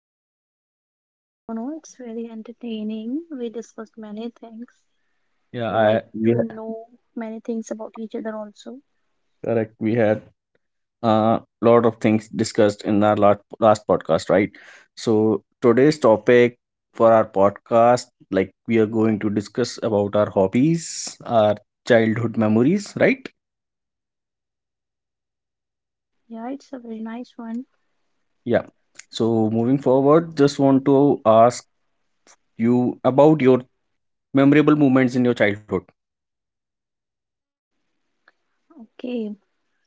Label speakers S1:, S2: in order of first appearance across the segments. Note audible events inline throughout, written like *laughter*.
S1: you?
S2: No, no, it's really entertaining. We discussed many things.
S1: Yeah,
S2: We like to know many things about each other also.
S1: correct. We had a lot of things discussed in our last podcast, right? So today's topic for our podcast, like we are going to discuss about our hobbies, our childhood memories, right?
S2: Yeah, it's a very nice one.
S1: Yeah. So moving forward, just want to ask you about your memorable moments in your childhood.
S2: Okay,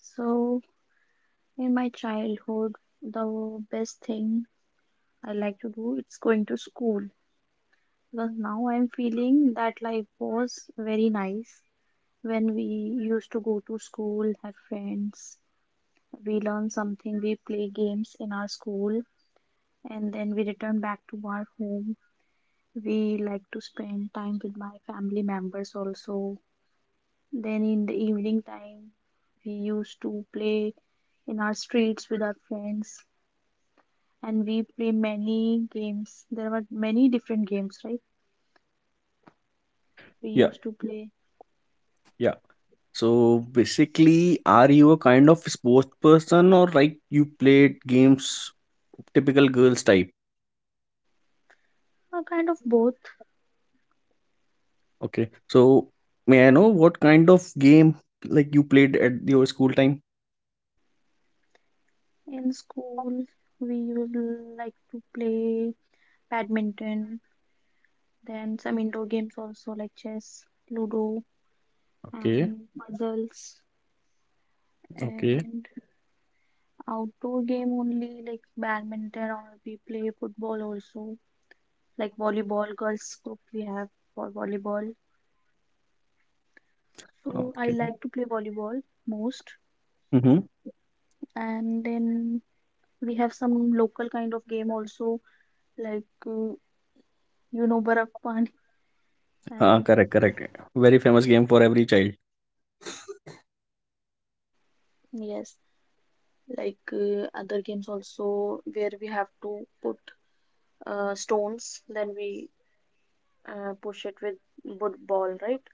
S2: so in my childhood, the best thing I like to do it's going to school because now I'm feeling that life was very nice when we used to go to school, have friends, we learn something, we play games in our school, and then we return back to our home. We like to spend time with my family members also. Then in the evening time, we used to play in our streets with our friends and we play many games. There were many different games, right? We
S1: Yeah,
S2: used to play
S1: yeah. So basically, are you a kind of sports person, or like you played games typical girls type?
S2: a kind of both.
S1: Okay. So may I know what kind of game like you played at your school time?
S2: In school, we would like to play badminton. Then some indoor games also like chess, ludo,
S1: Okay.
S2: and puzzles.
S1: Okay.
S2: And outdoor game only like badminton or we play football also like volleyball. Girls group we have for volleyball. So I
S1: Okay.
S2: like to play volleyball most.
S1: Mm-hmm.
S2: And then we have some local kind of game also like you know Barf Pani and
S1: Correct. Correct. Very famous game for every child.
S2: yes, like other games also where we have to put stones, then we push it with wood ball, right?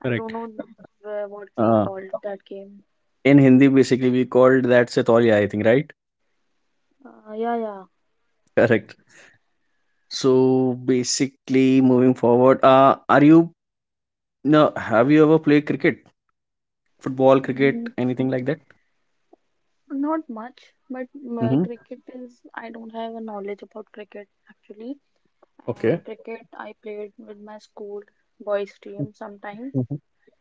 S2: I don't
S1: Correct.
S2: know where, what we
S1: Uh,
S2: called that game.
S1: in Hindi, basically, we called that Setolia, I think, right?
S2: Yeah, yeah.
S1: Correct. So basically, moving forward, are you no? Have you ever played cricket, football, cricket,
S2: Mm,
S1: anything like that?
S2: not much, but
S1: Mm-hmm.
S2: cricket is, I don't have a knowledge about cricket actually.
S1: Okay.
S2: And cricket, I played with my school boys team sometimes
S1: Mm-hmm.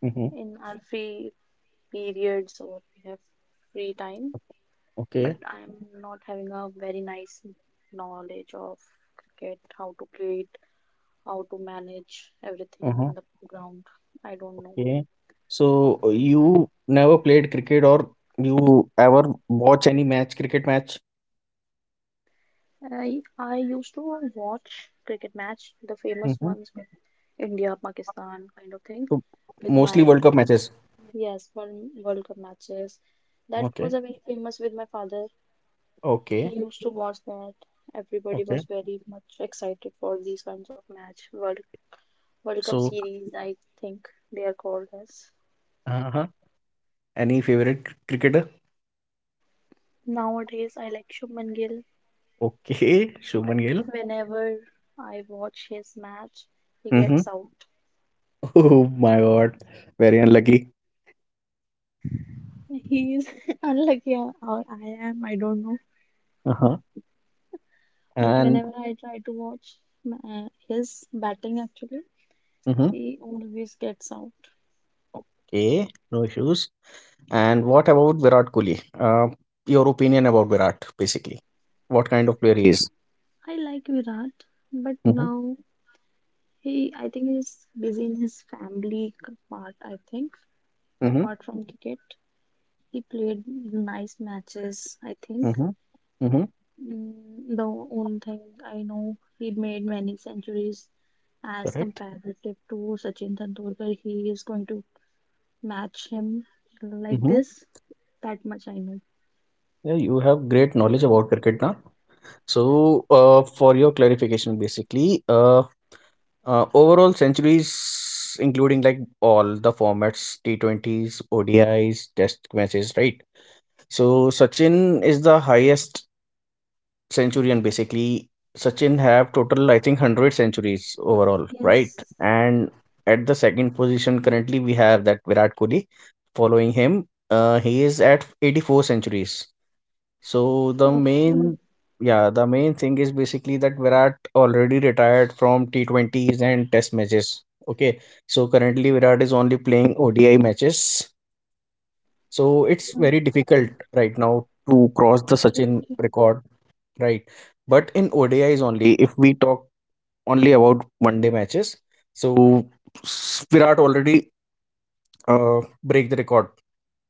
S1: Mm-hmm.
S2: in our free periods or we have free time. But
S1: Okay.
S2: I'm not having a very nice knowledge of cricket, how to play it how to manage everything in the ground. I don't know.
S1: Okay. So you never played cricket, or you ever watch any match, cricket match?
S2: I used to watch cricket match, the famous
S1: Mm-hmm.
S2: ones with India, Pakistan kind of thing,
S1: So
S2: with
S1: mostly
S2: my
S1: World Cup matches.
S2: yes, one World Cup matches. That
S1: Okay.
S2: was a very famous with my father.
S1: Okay.
S2: He used to watch that. Everybody
S1: Okay.
S2: was very much excited for these kinds of match. World Cup
S1: So
S2: series, I think they are called as.
S1: uh-huh. Any favorite cricketer?
S2: Nowadays, I like Shubman Gill.
S1: Okay. *laughs*
S2: But
S1: Shubman Gill.
S2: whenever I watch his match, he
S1: Mm-hmm.
S2: gets out.
S1: *laughs* Oh my God. Very unlucky.
S2: He is *laughs* unlucky, or I am, I don't know.
S1: Uh-huh.
S2: But
S1: And
S2: whenever I try to watch his batting, actually,
S1: Mm-hmm.
S2: he always gets out.
S1: Okay. No issues. And what about Virat Kohli? Your opinion about Virat, basically. What kind of player he is?
S2: I like Virat, but
S1: Mm-hmm.
S2: now he, I think, is busy in his family part, I think,
S1: Mm-hmm.
S2: apart from cricket. He played nice matches, I think.
S1: Mhm. Mhm.
S2: The only thing I know, he made many centuries as
S1: Correct?
S2: comparative to Sachin Tendulkar. He is going to match him like
S1: Mhm.
S2: this. That much I know.
S1: Yeah, you have great knowledge about cricket now. So, for your clarification, basically, overall centuries, including like all the formats, T20s, Is, Test matches, right? So, Sachin is the highest centurion, basically. Sachin have total, I think, 100 centuries overall, right?
S2: Yes.
S1: And at the second position, currently we have that Virat Kohli following him. He is at 84 centuries. So the
S2: Okay.
S1: main yeah the main thing is, basically, that Virat already retired from T20s and Test matches. Okay, so currently Virat is only playing odi matches. So it's
S2: Uh,
S1: very difficult right now to cross the
S2: okay.
S1: Sachin
S2: Okay.
S1: record. Right. But in O D is only, if we talk only about one day matches, so Virat already break the record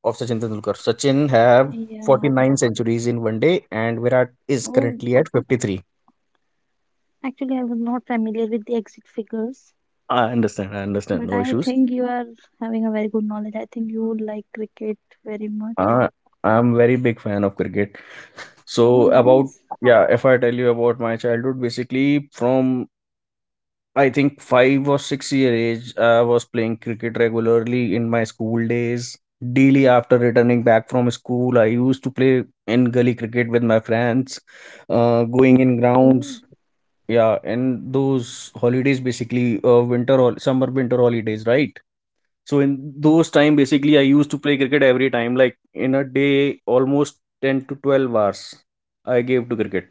S1: of Sachin Tendulkar. Sachin have
S2: Yeah.
S1: 49 centuries in one day, and Virat is
S2: Oh,
S1: currently at 53.
S2: actually, I was not familiar with the exit figures,
S1: I understand, I understand.
S2: but
S1: No
S2: I
S1: issues.
S2: think you are having a very good knowledge. I think you would like cricket very much.
S1: Uh, I'm very big fan of cricket.
S2: Oh,
S1: So
S2: nice.
S1: if I tell you about my childhood, basically from I think 5 or 6 year age, I was playing cricket regularly in my school days. Daily after returning back from school, I used to play in gully cricket with my friends, going in
S2: Okay.
S1: grounds. Yeah, and those holidays basically, winter or summer winter holidays, right? So in those time, basically, I used to play cricket every time, like in a day, almost 10 to 12 hours I gave to cricket.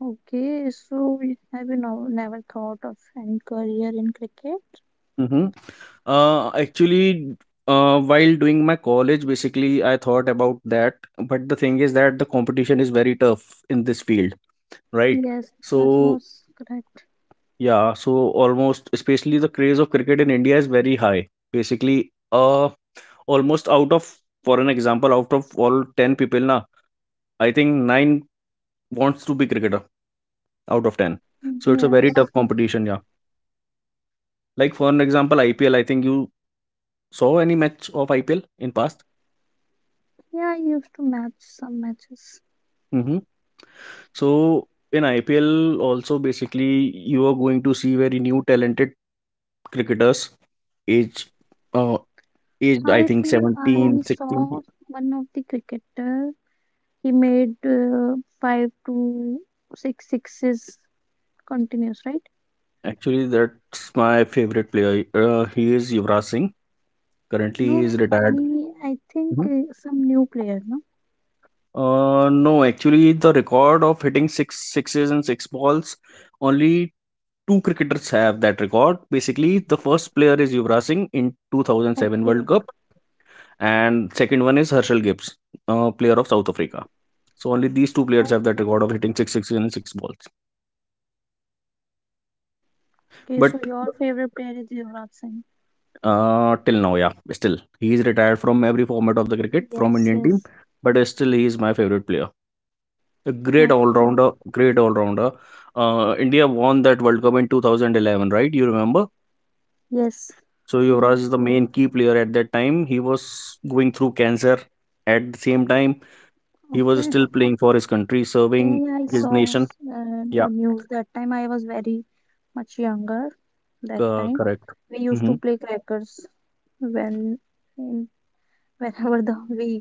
S2: Okay, so have you, no, never thought of any career in cricket?
S1: Mhm. Actually, while doing my college, basically, I thought about that. But the thing is that the competition is very tough in this field, right?
S2: Yes, that
S1: So,
S2: was correct.
S1: yeah, almost, especially the craze of cricket in India is very high. Basically, almost out of, for an example, out of all 10 people, na, I think 9 wants to be cricketer out of 10. So it's a very
S2: Yes.
S1: tough competition, yeah. Like, for an example, IPL, I think you saw any match of IPL in past?
S2: Yeah, I used to match some matches.
S1: Mm-hmm. So in IPL also, basically, you are going to see very new talented cricketers age uh aged I
S2: I
S1: think
S2: think I
S1: 17, 16.
S2: saw one of the cricketer. He made five to six sixes continuous, right?
S1: Actually, that's my favorite player. He is Yuvraj Singh. Currently,
S2: No,
S1: he
S2: no,
S1: is retired.
S2: any. I think
S1: Mhm.
S2: some new player, no?
S1: No, actually, the record of hitting six sixes and six balls, only two cricketers have that record. Basically, the first player is Yuvraj Singh in 2007 World
S2: Okay,
S1: Cup, and second one is Herschel Gibbs, player of South Africa. So only these two players have that
S2: okay,
S1: record of hitting six sixes in six balls.
S2: okay. So
S1: But
S2: your favorite player is Yuvraj Singh?
S1: till now, yeah, still he is retired from every format of the cricket from
S2: Yes,
S1: Indian team.
S2: yes.
S1: But still, he is my favorite player. A great all
S2: Okay.
S1: rounder, great all rounder. India won that World Cup in 2011, right? You remember?
S2: Yes.
S1: So Yuvraj
S2: Yeah.
S1: is the main key player at that time. He was going through cancer. At the same time, he was
S2: Okay.
S1: still playing for his country,
S2: Yeah,
S1: serving
S2: yeah, I
S1: his
S2: saw
S1: nation. Yeah,
S2: the news that time. I was very much younger that time.
S1: correct.
S2: We used
S1: Mm-hmm.
S2: to play crackers when, in, whenever the *laughs* we,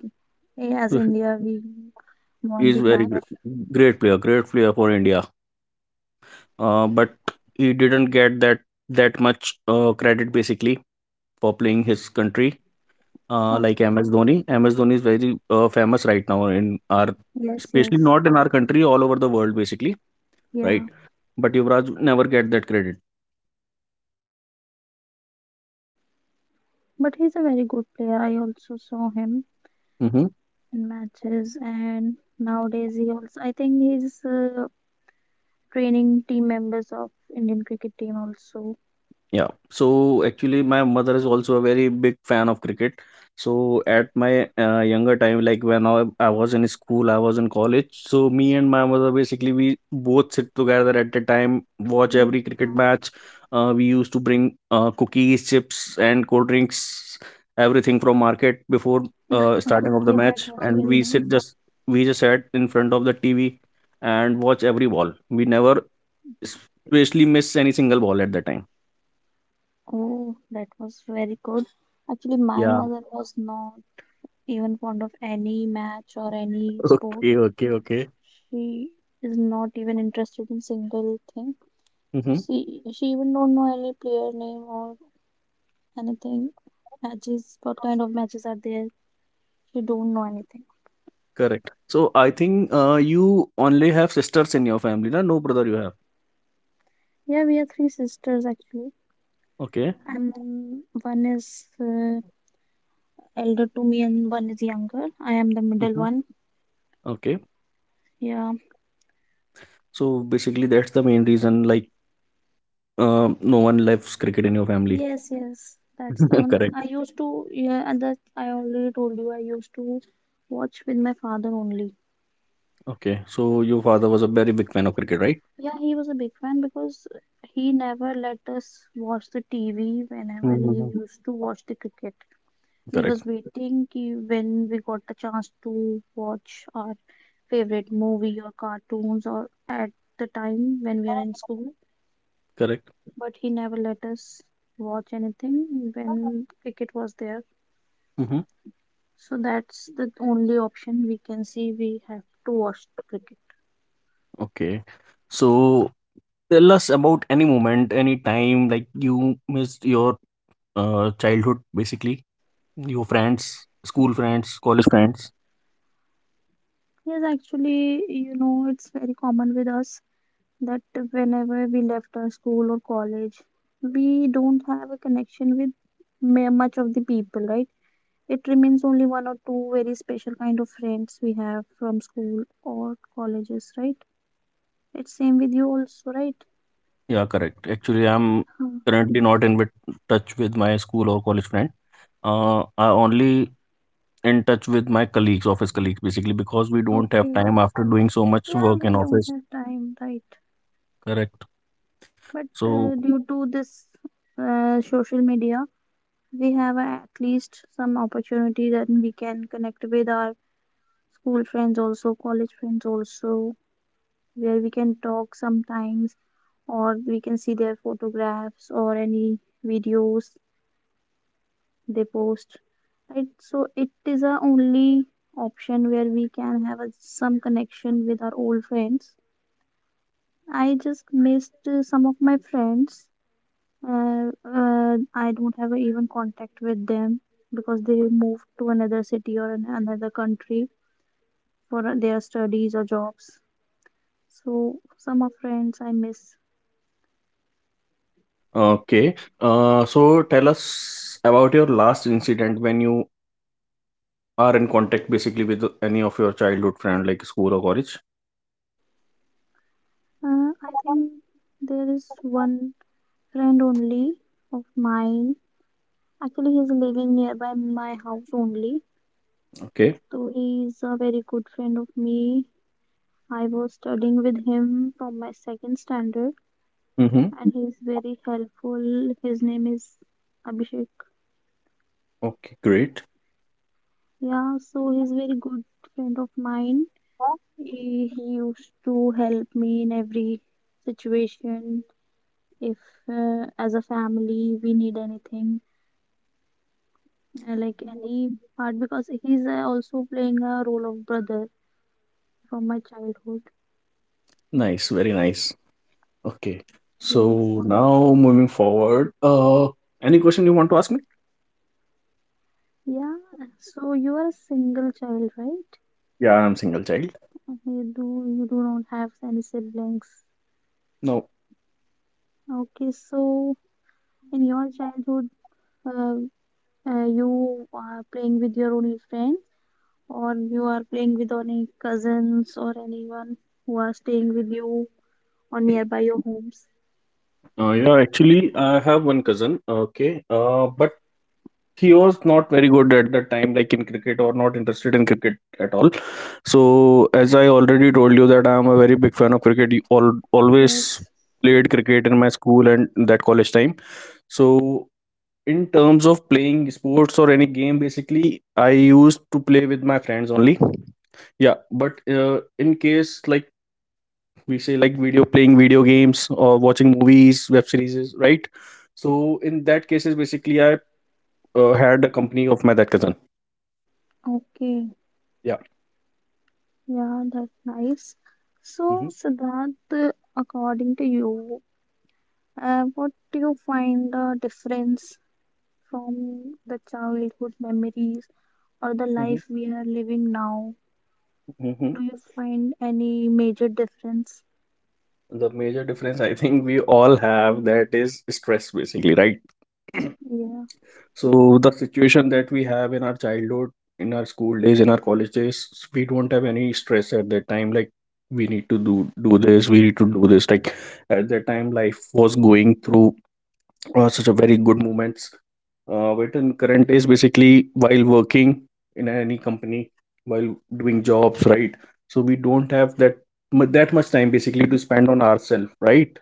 S2: as
S1: So,
S2: India, we
S1: he
S2: won
S1: is
S2: the
S1: very,
S2: match.
S1: okay, great player for India. But he didn't get that that much credit, basically, for playing his country. Like
S2: Okay.
S1: MS Dhoni is very famous right now in our,
S2: Yes,
S1: especially
S2: yes.
S1: not in our country, all over the world basically,
S2: Yeah.
S1: right? But Yuvraj never get that credit.
S2: But he's a very good player. I also saw him
S1: Mm-hmm.
S2: in matches, and nowadays he also, I think he's training team members of Indian cricket team also.
S1: Yeah. So actually, my mother is also a very big fan of cricket. So at my younger time, like when I was in school, I was in college. So me and my mother, basically, we both sit together at the time, watch every cricket match. We used to bring cookies, chips, and cold drinks, everything from market before starting of the
S2: Okay, that
S1: match,
S2: was
S1: and
S2: very nice.
S1: we just sat in front of the TV and watch every ball. We never especially miss any single ball at the time.
S2: Oh, that was very good. Actually, my
S1: Yeah.
S2: mother was not even fond of any match or any sport.
S1: Okay, okay, okay.
S2: She is not even interested in single thing.
S1: Hmm.
S2: She even don't know any player name or anything. Matches, what kind of matches are there? She don't know anything.
S1: Correct. So I think you only have sisters in your family, na? No brother you have.
S2: Yeah, we are three sisters actually,
S1: Okay.
S2: and one is elder to me and one is younger. I am the middle
S1: Hmm.
S2: one.
S1: Okay.
S2: Yeah.
S1: So basically, that's the main reason. Like, no one loves cricket in your family.
S2: Yes, yes, that's the
S1: *laughs*
S2: one.
S1: Correct.
S2: I used to, yeah, and that I already told you, I used to watch with my father only.
S1: Okay. So your father was a very big fan of cricket, right?
S2: Yeah, he was a big fan because he never let us watch the TV whenever he
S1: Hmm.
S2: used to watch the cricket. We was
S1: Correct.
S2: waiting ki when we got the chance to watch our favorite movie or cartoons or at the time when we are in school,
S1: Correct.
S2: but he never let us watch anything when cricket was there.
S1: Mm-hmm.
S2: So that's the only option we can see. We have to watch cricket.
S1: Okay. So tell us about any moment, any time like you missed your childhood, basically, your friends, school friends, college friends.
S2: Yes, actually, it's very common with us that whenever we left our school or college, we don't have a connection with much of the people, right? It remains only one or two very special kind of friends we have from school or colleges, right? It's same with you also, right?
S1: Yeah, correct. Actually, I'm
S2: Huh.
S1: currently not in bit touch with my school or college friend. I only in touch with my colleagues, office colleagues, basically, because we don't have
S2: Okay.
S1: time after doing so much
S2: Yeah,
S1: work
S2: we
S1: in
S2: don't
S1: office.
S2: have time, right?
S1: Correct.
S2: But
S1: So,
S2: due to this social media, we have at least some opportunity that we can connect with our school friends, also college friends, also where we can talk sometimes, or we can see their photographs or any videos they post. Right? So it is our only option where we can have a, some connection with our old friends. I just missed some of my friends. I don't have even contact with them because they moved to another city or another country for their studies or jobs. So some of friends I miss.
S1: okay. So tell us about your last incident when you are in contact, basically, with any of your childhood friend, like school or college.
S2: I think there is one friend only of mine. Actually, he's living nearby my house only.
S1: Okay.
S2: So he's a very good friend of me. I was studying with him from my second standard,
S1: Mm-hmm.
S2: and he's very helpful. His name is Abhishek.
S1: Okay, great.
S2: Yeah, so he's very good friend of mine. He used to help me in every situation. If as a family we need anything, like any part, because he's also playing a role of brother from my childhood.
S1: Nice, very nice. Okay.
S2: Yes.
S1: So now moving forward, any question you want to ask me?
S2: Yeah. So you are a single child, right?
S1: Yeah, I'm single child.
S2: You do not have any siblings.
S1: No.
S2: Okay. So in your childhood, uh, you are playing with your only friends or you are playing with any cousins or anyone who are staying with you or nearby your homes.
S1: Yeah, actually, I have one cousin. Okay. But he was not very good at that time, like in cricket, or not interested in cricket at all. So as I already told you that I am a very big fan of cricket. You all always
S2: Yes.
S1: played cricket in my school and that college time. So in terms of playing sports or any game, basically, I used to play with my friends only. Yeah, but in case, like we say, like video playing video games or watching movies, web series, right? So in that cases, basically, I had the company of my that cousin.
S2: Okay.
S1: Yeah.
S2: Yeah, that's nice. So,
S1: Hmm.
S2: Siddharth, according to you, what do you find the difference from the childhood memories or the
S1: Hmm.
S2: life we are living now?
S1: Hmm.
S2: Do you find any major difference?
S1: The major difference, I think, we all have that is stress, basically, right? *clears throat*
S2: Yeah,
S1: So the situation that we have in our childhood, in our school days, in our college days, we don't have any stress at that time. Like, we need to do this, we need to do this. Like at that time, life was going through such a very good moments. But in current days, basically, while working in any company, while doing jobs, right? So we don't have that that much time basically to spend on ourselves, right?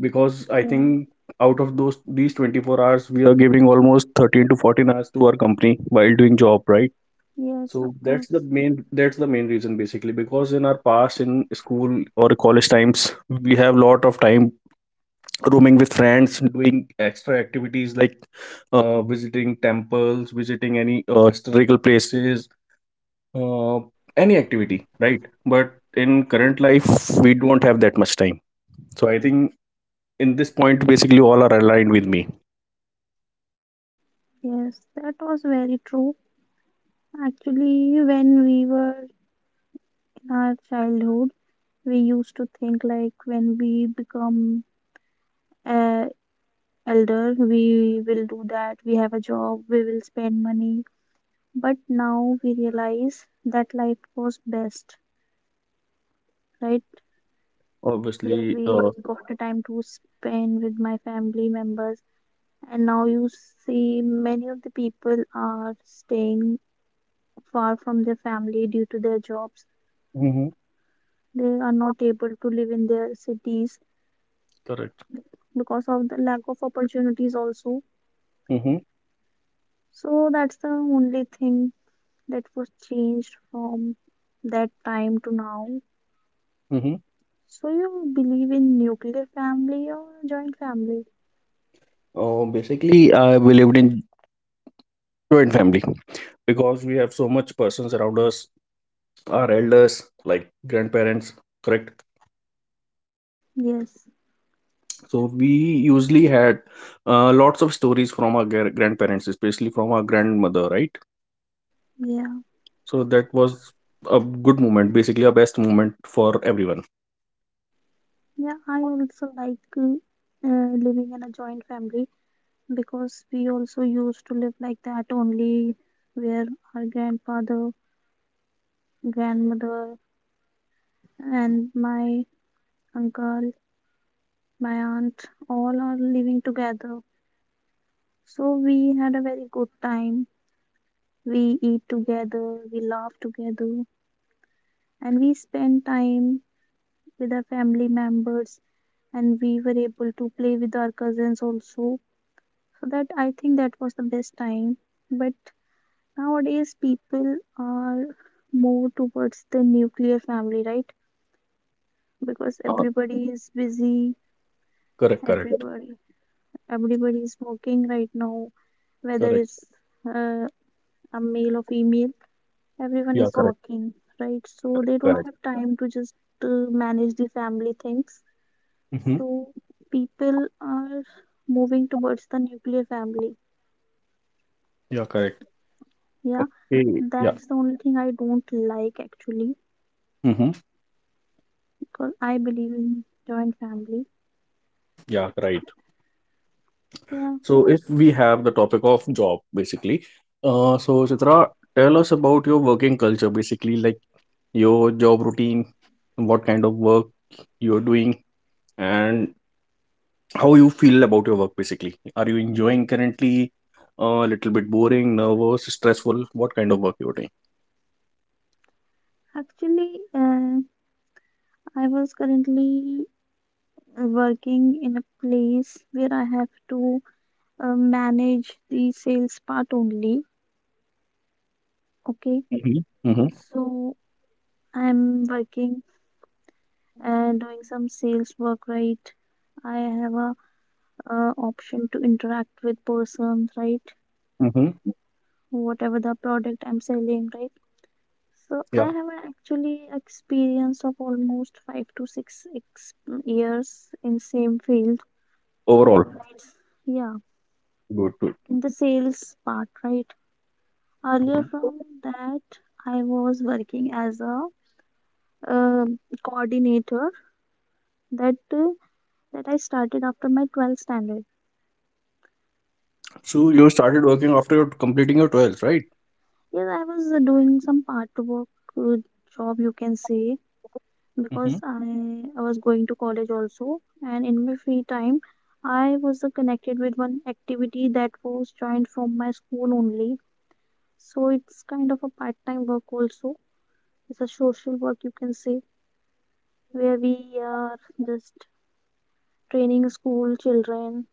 S1: Because I
S2: yeah,
S1: think out of those these 24 hours, we are giving almost 13 to 14 hours to our company while doing job, right?
S2: yes, of
S1: So
S2: course.
S1: that's the main reason, basically, because in our past, in school or college times, we have lot of time roaming with friends, doing extra activities like visiting temples, visiting any historical places, uh, any activity, right? But in current life, we don't have that much time. So I think in this point, basically, all are aligned with me.
S2: Yes, that was very true. Actually, when we were in our childhood, we used to think like when we become uh, elder, we will do that, we have a job, we will spend money. But now we realize that life was best, right? Where
S1: Obviously,
S2: we got the time to spend with my family members. And now you see many of the people are staying far from their family due to their jobs,
S1: mhm,
S2: they are not able to live in their cities
S1: correct.
S2: because of the lack of opportunities also.
S1: Hmm.
S2: So that's the only thing that was changed from that time to now.
S1: Hmm.
S2: So you believe in nuclear family or joint family?
S1: Basically, we lived in joint family because we have so much persons around us, our elders, like grandparents. Correct.
S2: Yes,
S1: So we usually had lots of stories from our grandparents, especially from our grandmother, right?
S2: yeah,
S1: So that was a good moment, basically a best moment for everyone.
S2: yeah, I also like living in a joint family because we also used to live like that only where our grandfather, grandmother and my uncle, my aunt, all are living together. So we had a very good time. We eat together, we laugh together, and we spend time with our family members. And we were able to play with our cousins also. So that I think that was the best time. But nowadays, people are more towards the nuclear family, right? Because
S1: Uh,
S2: everybody is busy,
S1: Correct, correct,
S2: everybody Everybody is working right now, whether
S1: correct.
S2: it's uh, a male or female, everyone
S1: Yeah,
S2: is
S1: correct,
S2: working, right? So they don't
S1: correct.
S2: have time to just manage the family things.
S1: Mm-hmm.
S2: So people are moving towards the nuclear family.
S1: Yeah, correct.
S2: Yeah,
S1: Okay. Yeah.
S2: that's the only thing I don't like actually,
S1: Mm-hmm.
S2: because I believe in joint family.
S1: Yeah, right.
S2: Yeah,
S1: So if we have the topic of job, basically, so Chitra, tell us about your working culture, basically, like your job routine, what kind of work you're doing, and how you feel about your work. Basically, are you enjoying currently, a little bit boring, nervous, stressful, what kind of work you're doing?
S2: actually, I was currently working in a place where I have to manage the sales part only. Okay,
S1: Mm-hmm. Mm-hmm.
S2: so I'm working and doing some sales work, right? I have a option to interact with persons, right?
S1: Mm-hmm.
S2: Whatever the product I'm selling, right? So
S1: Yeah,
S2: I have an actually experience of almost 5 to 6 years in same field,
S1: overall
S2: right? Yeah,
S1: good good.
S2: in the sales part, right? Earlier
S1: Mhm.
S2: from that, I was working as a um coordinator that uh, that I started after my 12th standard.
S1: So you started working after completing your 12th, right?
S2: Yes, I was doing some part work uh, job, you can say,
S1: Mm-hmm.
S2: because I was going to college also, and in my free time, I was connected with one activity that was joined from my school only. So it's kind of a part time work also. It's a social work, you can say, where we are just training school children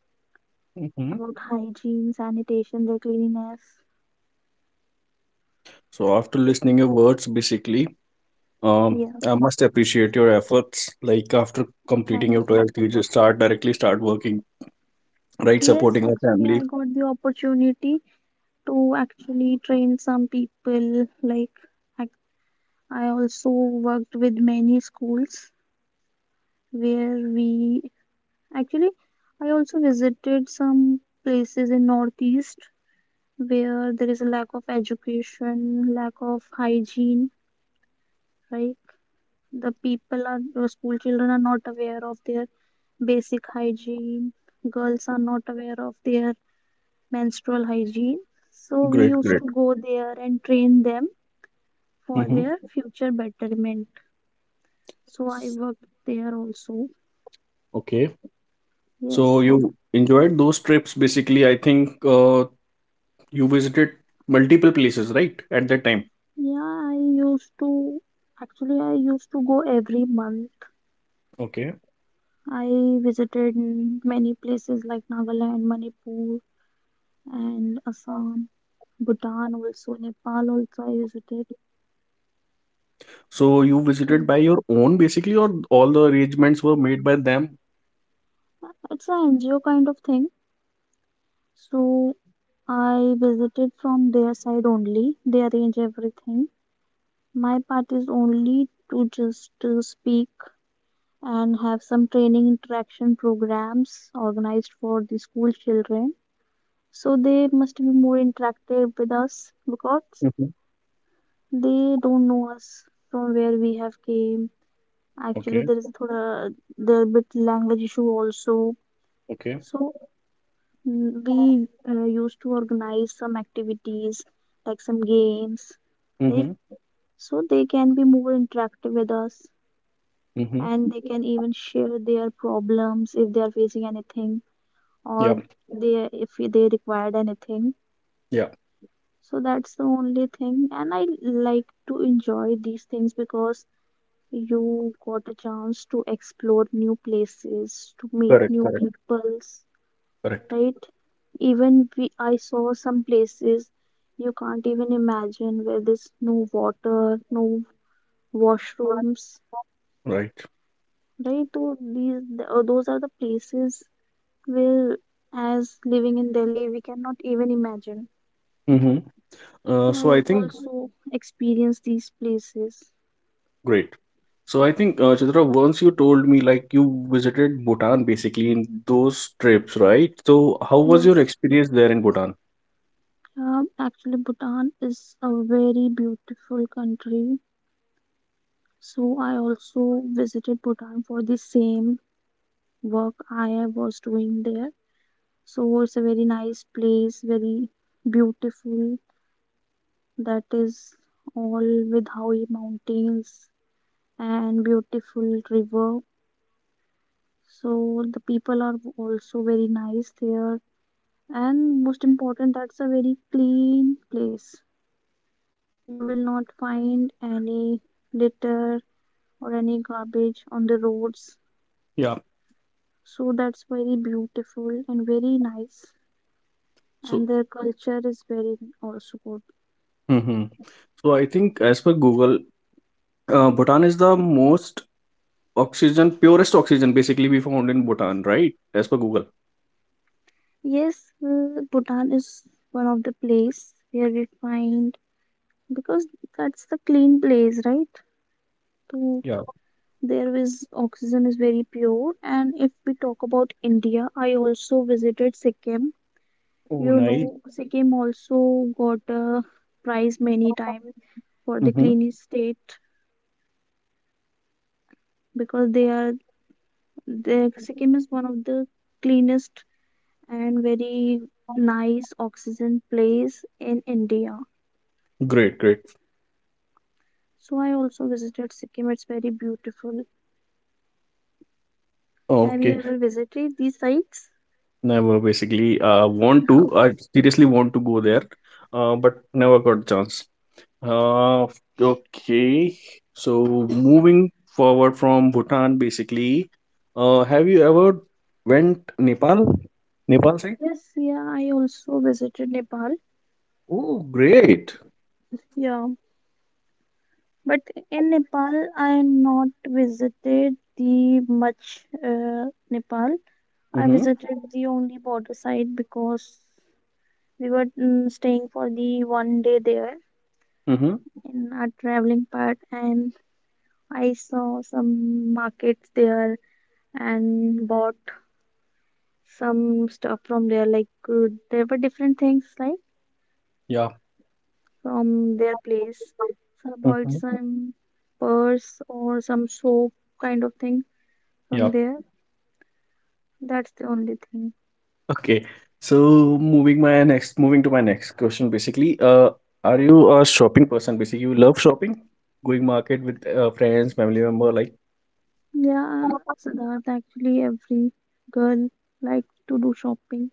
S1: Mm-hmm.
S2: about hygiene, sanitation, their cleanliness.
S1: So after listening your words basically, um,
S2: Yeah.
S1: I must appreciate your efforts. Like, after
S2: Oh,
S1: completing
S2: thank
S1: your
S2: you.
S1: 12th you just start directly start working, right,
S2: Yes,
S1: supporting your
S2: actually,
S1: family.
S2: I got the opportunity to actually train some people. Like, I, I also worked with many schools where we actually, I also visited some places in Northeast where there is a lack of education, lack of hygiene, right? The people are the school children are not aware of their basic hygiene, girls are not aware of their menstrual hygiene, so we
S1: Great,
S2: used
S1: great.
S2: to go there and train them for
S1: Mm-hmm.
S2: their future betterment. So I worked there also.
S1: Okay. So
S2: Yes.
S1: you enjoyed those trips basically. I think you visited multiple places, right? At that time.
S2: Yeah, I used to, actually I used to go every month.
S1: Okay.
S2: I visited many places like Nagaland, Manipur and Assam, Bhutan also, Nepal also I visited.
S1: So you
S2: So
S1: visited by your own basically, or all the arrangements were made by them?
S2: it's a NGO kind of thing. So I visited from their side only. They arrange everything. My part is only to just speak and have some training interaction programs organized for the school children. So they must be more interactive with us because
S1: Mm-hmm.
S2: they don't know us from where we have came. Actually,
S1: Okay.
S2: there is a thoda, there bit language issue also.
S1: Okay.
S2: So we used to organize some activities like some games, like
S1: Mm-hmm.
S2: so they can be more interactive with us
S1: Mm-hmm.
S2: and they can even share their problems if they are facing anything
S1: Yeah.
S2: or they if they required anything.
S1: Yeah.
S2: So that's the only thing, and I like to enjoy these things because you got a chance to explore new places, to meet
S1: Correct.
S2: new
S1: Correct.
S2: peoples,
S1: Correct.
S2: right? Even I saw some places you can't even imagine where there's no water, no washrooms,
S1: Right.
S2: right? So those are the places where, as living in Delhi, we cannot even imagine.
S1: Mm-hmm.
S2: So
S1: So
S2: I
S1: I think
S2: also experienced these places.
S1: great. So I think, Chitra, once you told me like you visited Bhutan basically in those trips, right? So how was your
S2: Yes,
S1: experience there in Bhutan?
S2: actually Bhutan is a very beautiful country. So I also visited Bhutan for the same work I was doing there. So it's a very nice place, very beautiful. That is all with Howe Mountains and beautiful river. So the people are also very nice there. And most important, that's a very clean place. You will not find any litter or any garbage on the roads.
S1: Yeah.
S2: So that's very beautiful and very nice.
S1: So.
S2: And their culture is very also good.
S1: Mm-hmm. So I think as per Google, Bhutan is the most oxygen, purest oxygen basically we found in Bhutan, right? As per Google.
S2: Yes, Bhutan is one of the place where we find because that's the clean place, right? So
S1: Yeah.
S2: there is oxygen is very pure. And if we talk about India, I also visited Sikkim.
S1: Oh,
S2: You
S1: nice.
S2: know, Sikkim also got a prize many times for the
S1: Mm-hmm.
S2: cleanest state because they are the Sikkim is one of the cleanest and very nice oxygen place in India.
S1: Great, great.
S2: So I also visited Sikkim. It's very beautiful. Have you
S1: Okay.
S2: ever visited these sites?
S1: Never basically want
S2: *laughs*
S1: to,
S2: Okay.
S1: I seriously want to go there, but never got chance. Uh, okay. So moving forward from Bhutan, basically, have you ever went Nepal? Nepal side?
S2: Yes, yeah, I also visited Nepal.
S1: Oh, great.
S2: Yeah, but in Nepal, I not visited the much Nepal. I
S1: Mm-hmm.
S2: visited the only border side because we were staying for the 1 day there
S1: Mm-hmm.
S2: in our traveling part, and I saw some markets there and bought some stuff from there like there were different things like
S1: Yeah.
S2: from their place, so I bought
S1: Mm-hmm.
S2: some purse or some soap kind of thing
S1: Yeah.
S2: from there. That's the only thing.
S1: Okay. So moving to my next question, basically, are you a shopping person? Basically, you love shopping, going market with friends, family member, like
S2: Yeah, Siddharth, actually every girl like to do shopping,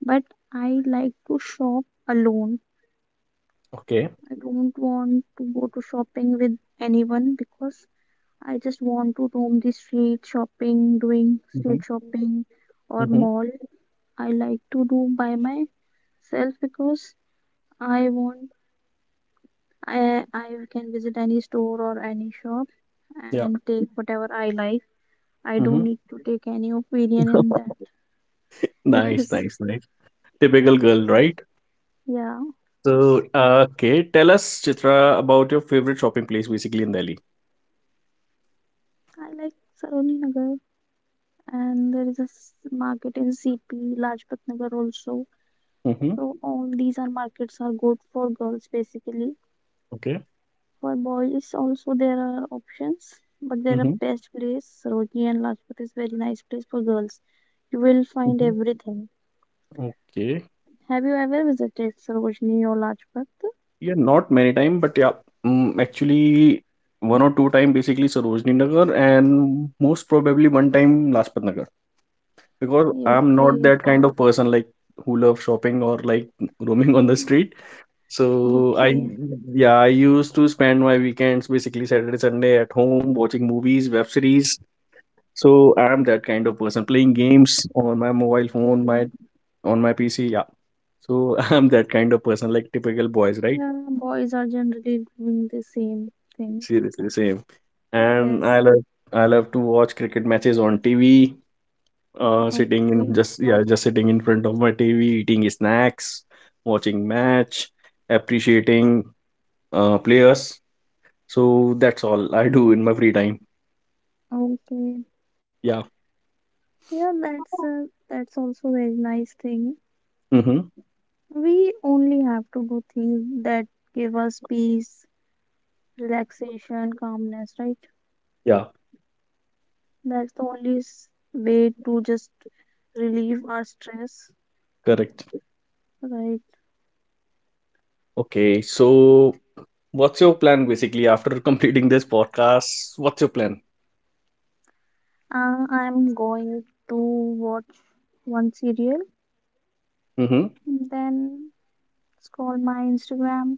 S2: but I like to shop alone.
S1: okay.
S2: I don't want to go to shopping with anyone because I just want to roam the street shopping, doing
S1: Mm-hmm.
S2: street shopping or
S1: Mm-hmm.
S2: mall. I like to do by myself because I want I can visit any store or any shop
S1: Yeah.
S2: and take whatever I like. I don't
S1: Mm-hmm.
S2: need to take any opinion in that.
S1: *laughs*
S2: *laughs*
S1: Nice,
S2: Yes,
S1: nice, nice. Typical girl, right?
S2: yeah.
S1: So,
S2: Yes.
S1: okay, tell us, Chitra, about your favorite shopping place, basically in Delhi.
S2: I like Saroni Nagar, and there is a market in CP, Lajpat Nagar also.
S1: Mm-hmm.
S2: So all these are markets are good for girls basically.
S1: Okay.
S2: For boys also there are options, but there are
S1: Mm-hmm.
S2: best place. Sarojini and Lajpat is very nice place for girls. You will find
S1: Mm-hmm.
S2: everything.
S1: Okay.
S2: Have you ever visited Sarojini or Lajpat?
S1: Yeah, not many time, but yeah, mm, actually one or two time basically Sarojini Nagar and most probably one time Lajpat Nagar, because I'm not
S2: Okay,
S1: that kind of person like who love shopping or like roaming on the street. So I
S2: okay,
S1: yeah, I used to spend my weekends basically Saturday, Sunday at home watching movies, web series. So I'm that kind of person, playing games on my mobile phone,
S2: okay.
S1: my on my PC. Yeah, so *laughs* I'm that kind of person, like typical boys, right?
S2: Yeah, boys are generally doing the same thing.
S1: Seriously, same. And
S2: Yes.
S1: I love to watch cricket matches on TV, sitting in
S2: Okay.
S1: just yeah, just sitting in front of my TV, eating snacks, watching match, appreciating players. So that's all I do in my free time.
S2: Okay.
S1: Yeah.
S2: Yeah, that's a, that's also very nice thing.
S1: Mm-hmm.
S2: We only have to do things that give us peace, relaxation, calmness, right?
S1: Yeah,
S2: That's way to just relieve our stress,
S1: correct.
S2: right?
S1: Okay, so what's your plan basically after *laughs* completing this podcast? What's your plan?
S2: I'm going to watch one serial,
S1: Mm-hmm.
S2: then scroll my Instagram.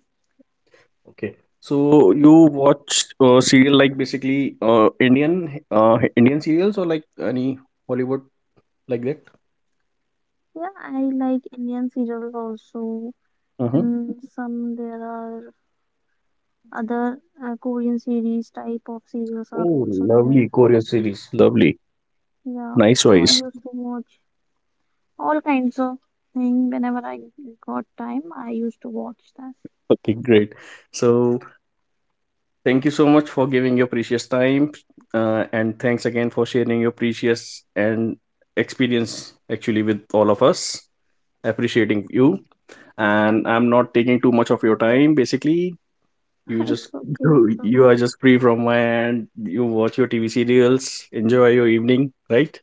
S1: Okay. So you watch serial like basically Indian Indian serials or like any Hollywood, like that?
S2: Yeah, I like Indian serials also,
S1: Uh-huh.
S2: and some there are other Korean series type of serials are
S1: Oh,
S2: also there.
S1: lovely Korean series. Lovely.
S2: Yeah,
S1: Nice
S2: so I
S1: choice.
S2: used to watch all kinds of thing whenever I got time. I used to watch that.
S1: Okay, great. So thank you so much for giving your precious time, and thanks again for sharing your precious and experience actually with all of us. Appreciating you. And I'm not taking too much of your time basically.
S2: *laughs*
S1: You just
S2: It's
S1: *laughs*
S2: okay. So
S1: you are just free from my end. You watch your TV serials, enjoy your evening, right?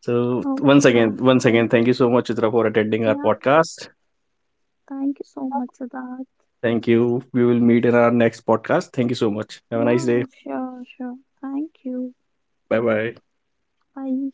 S1: So
S2: okay.
S1: once again, thank you so much, Chitra, for attending our
S2: Yeah.
S1: podcast.
S2: Thank you so much, Siddharth.
S1: Thank you. We will meet in our next podcast. Thank you so much. Have a nice
S2: Yeah.
S1: day.
S2: Sure. Sure. Thank you.
S1: Bye bye.
S2: Bye.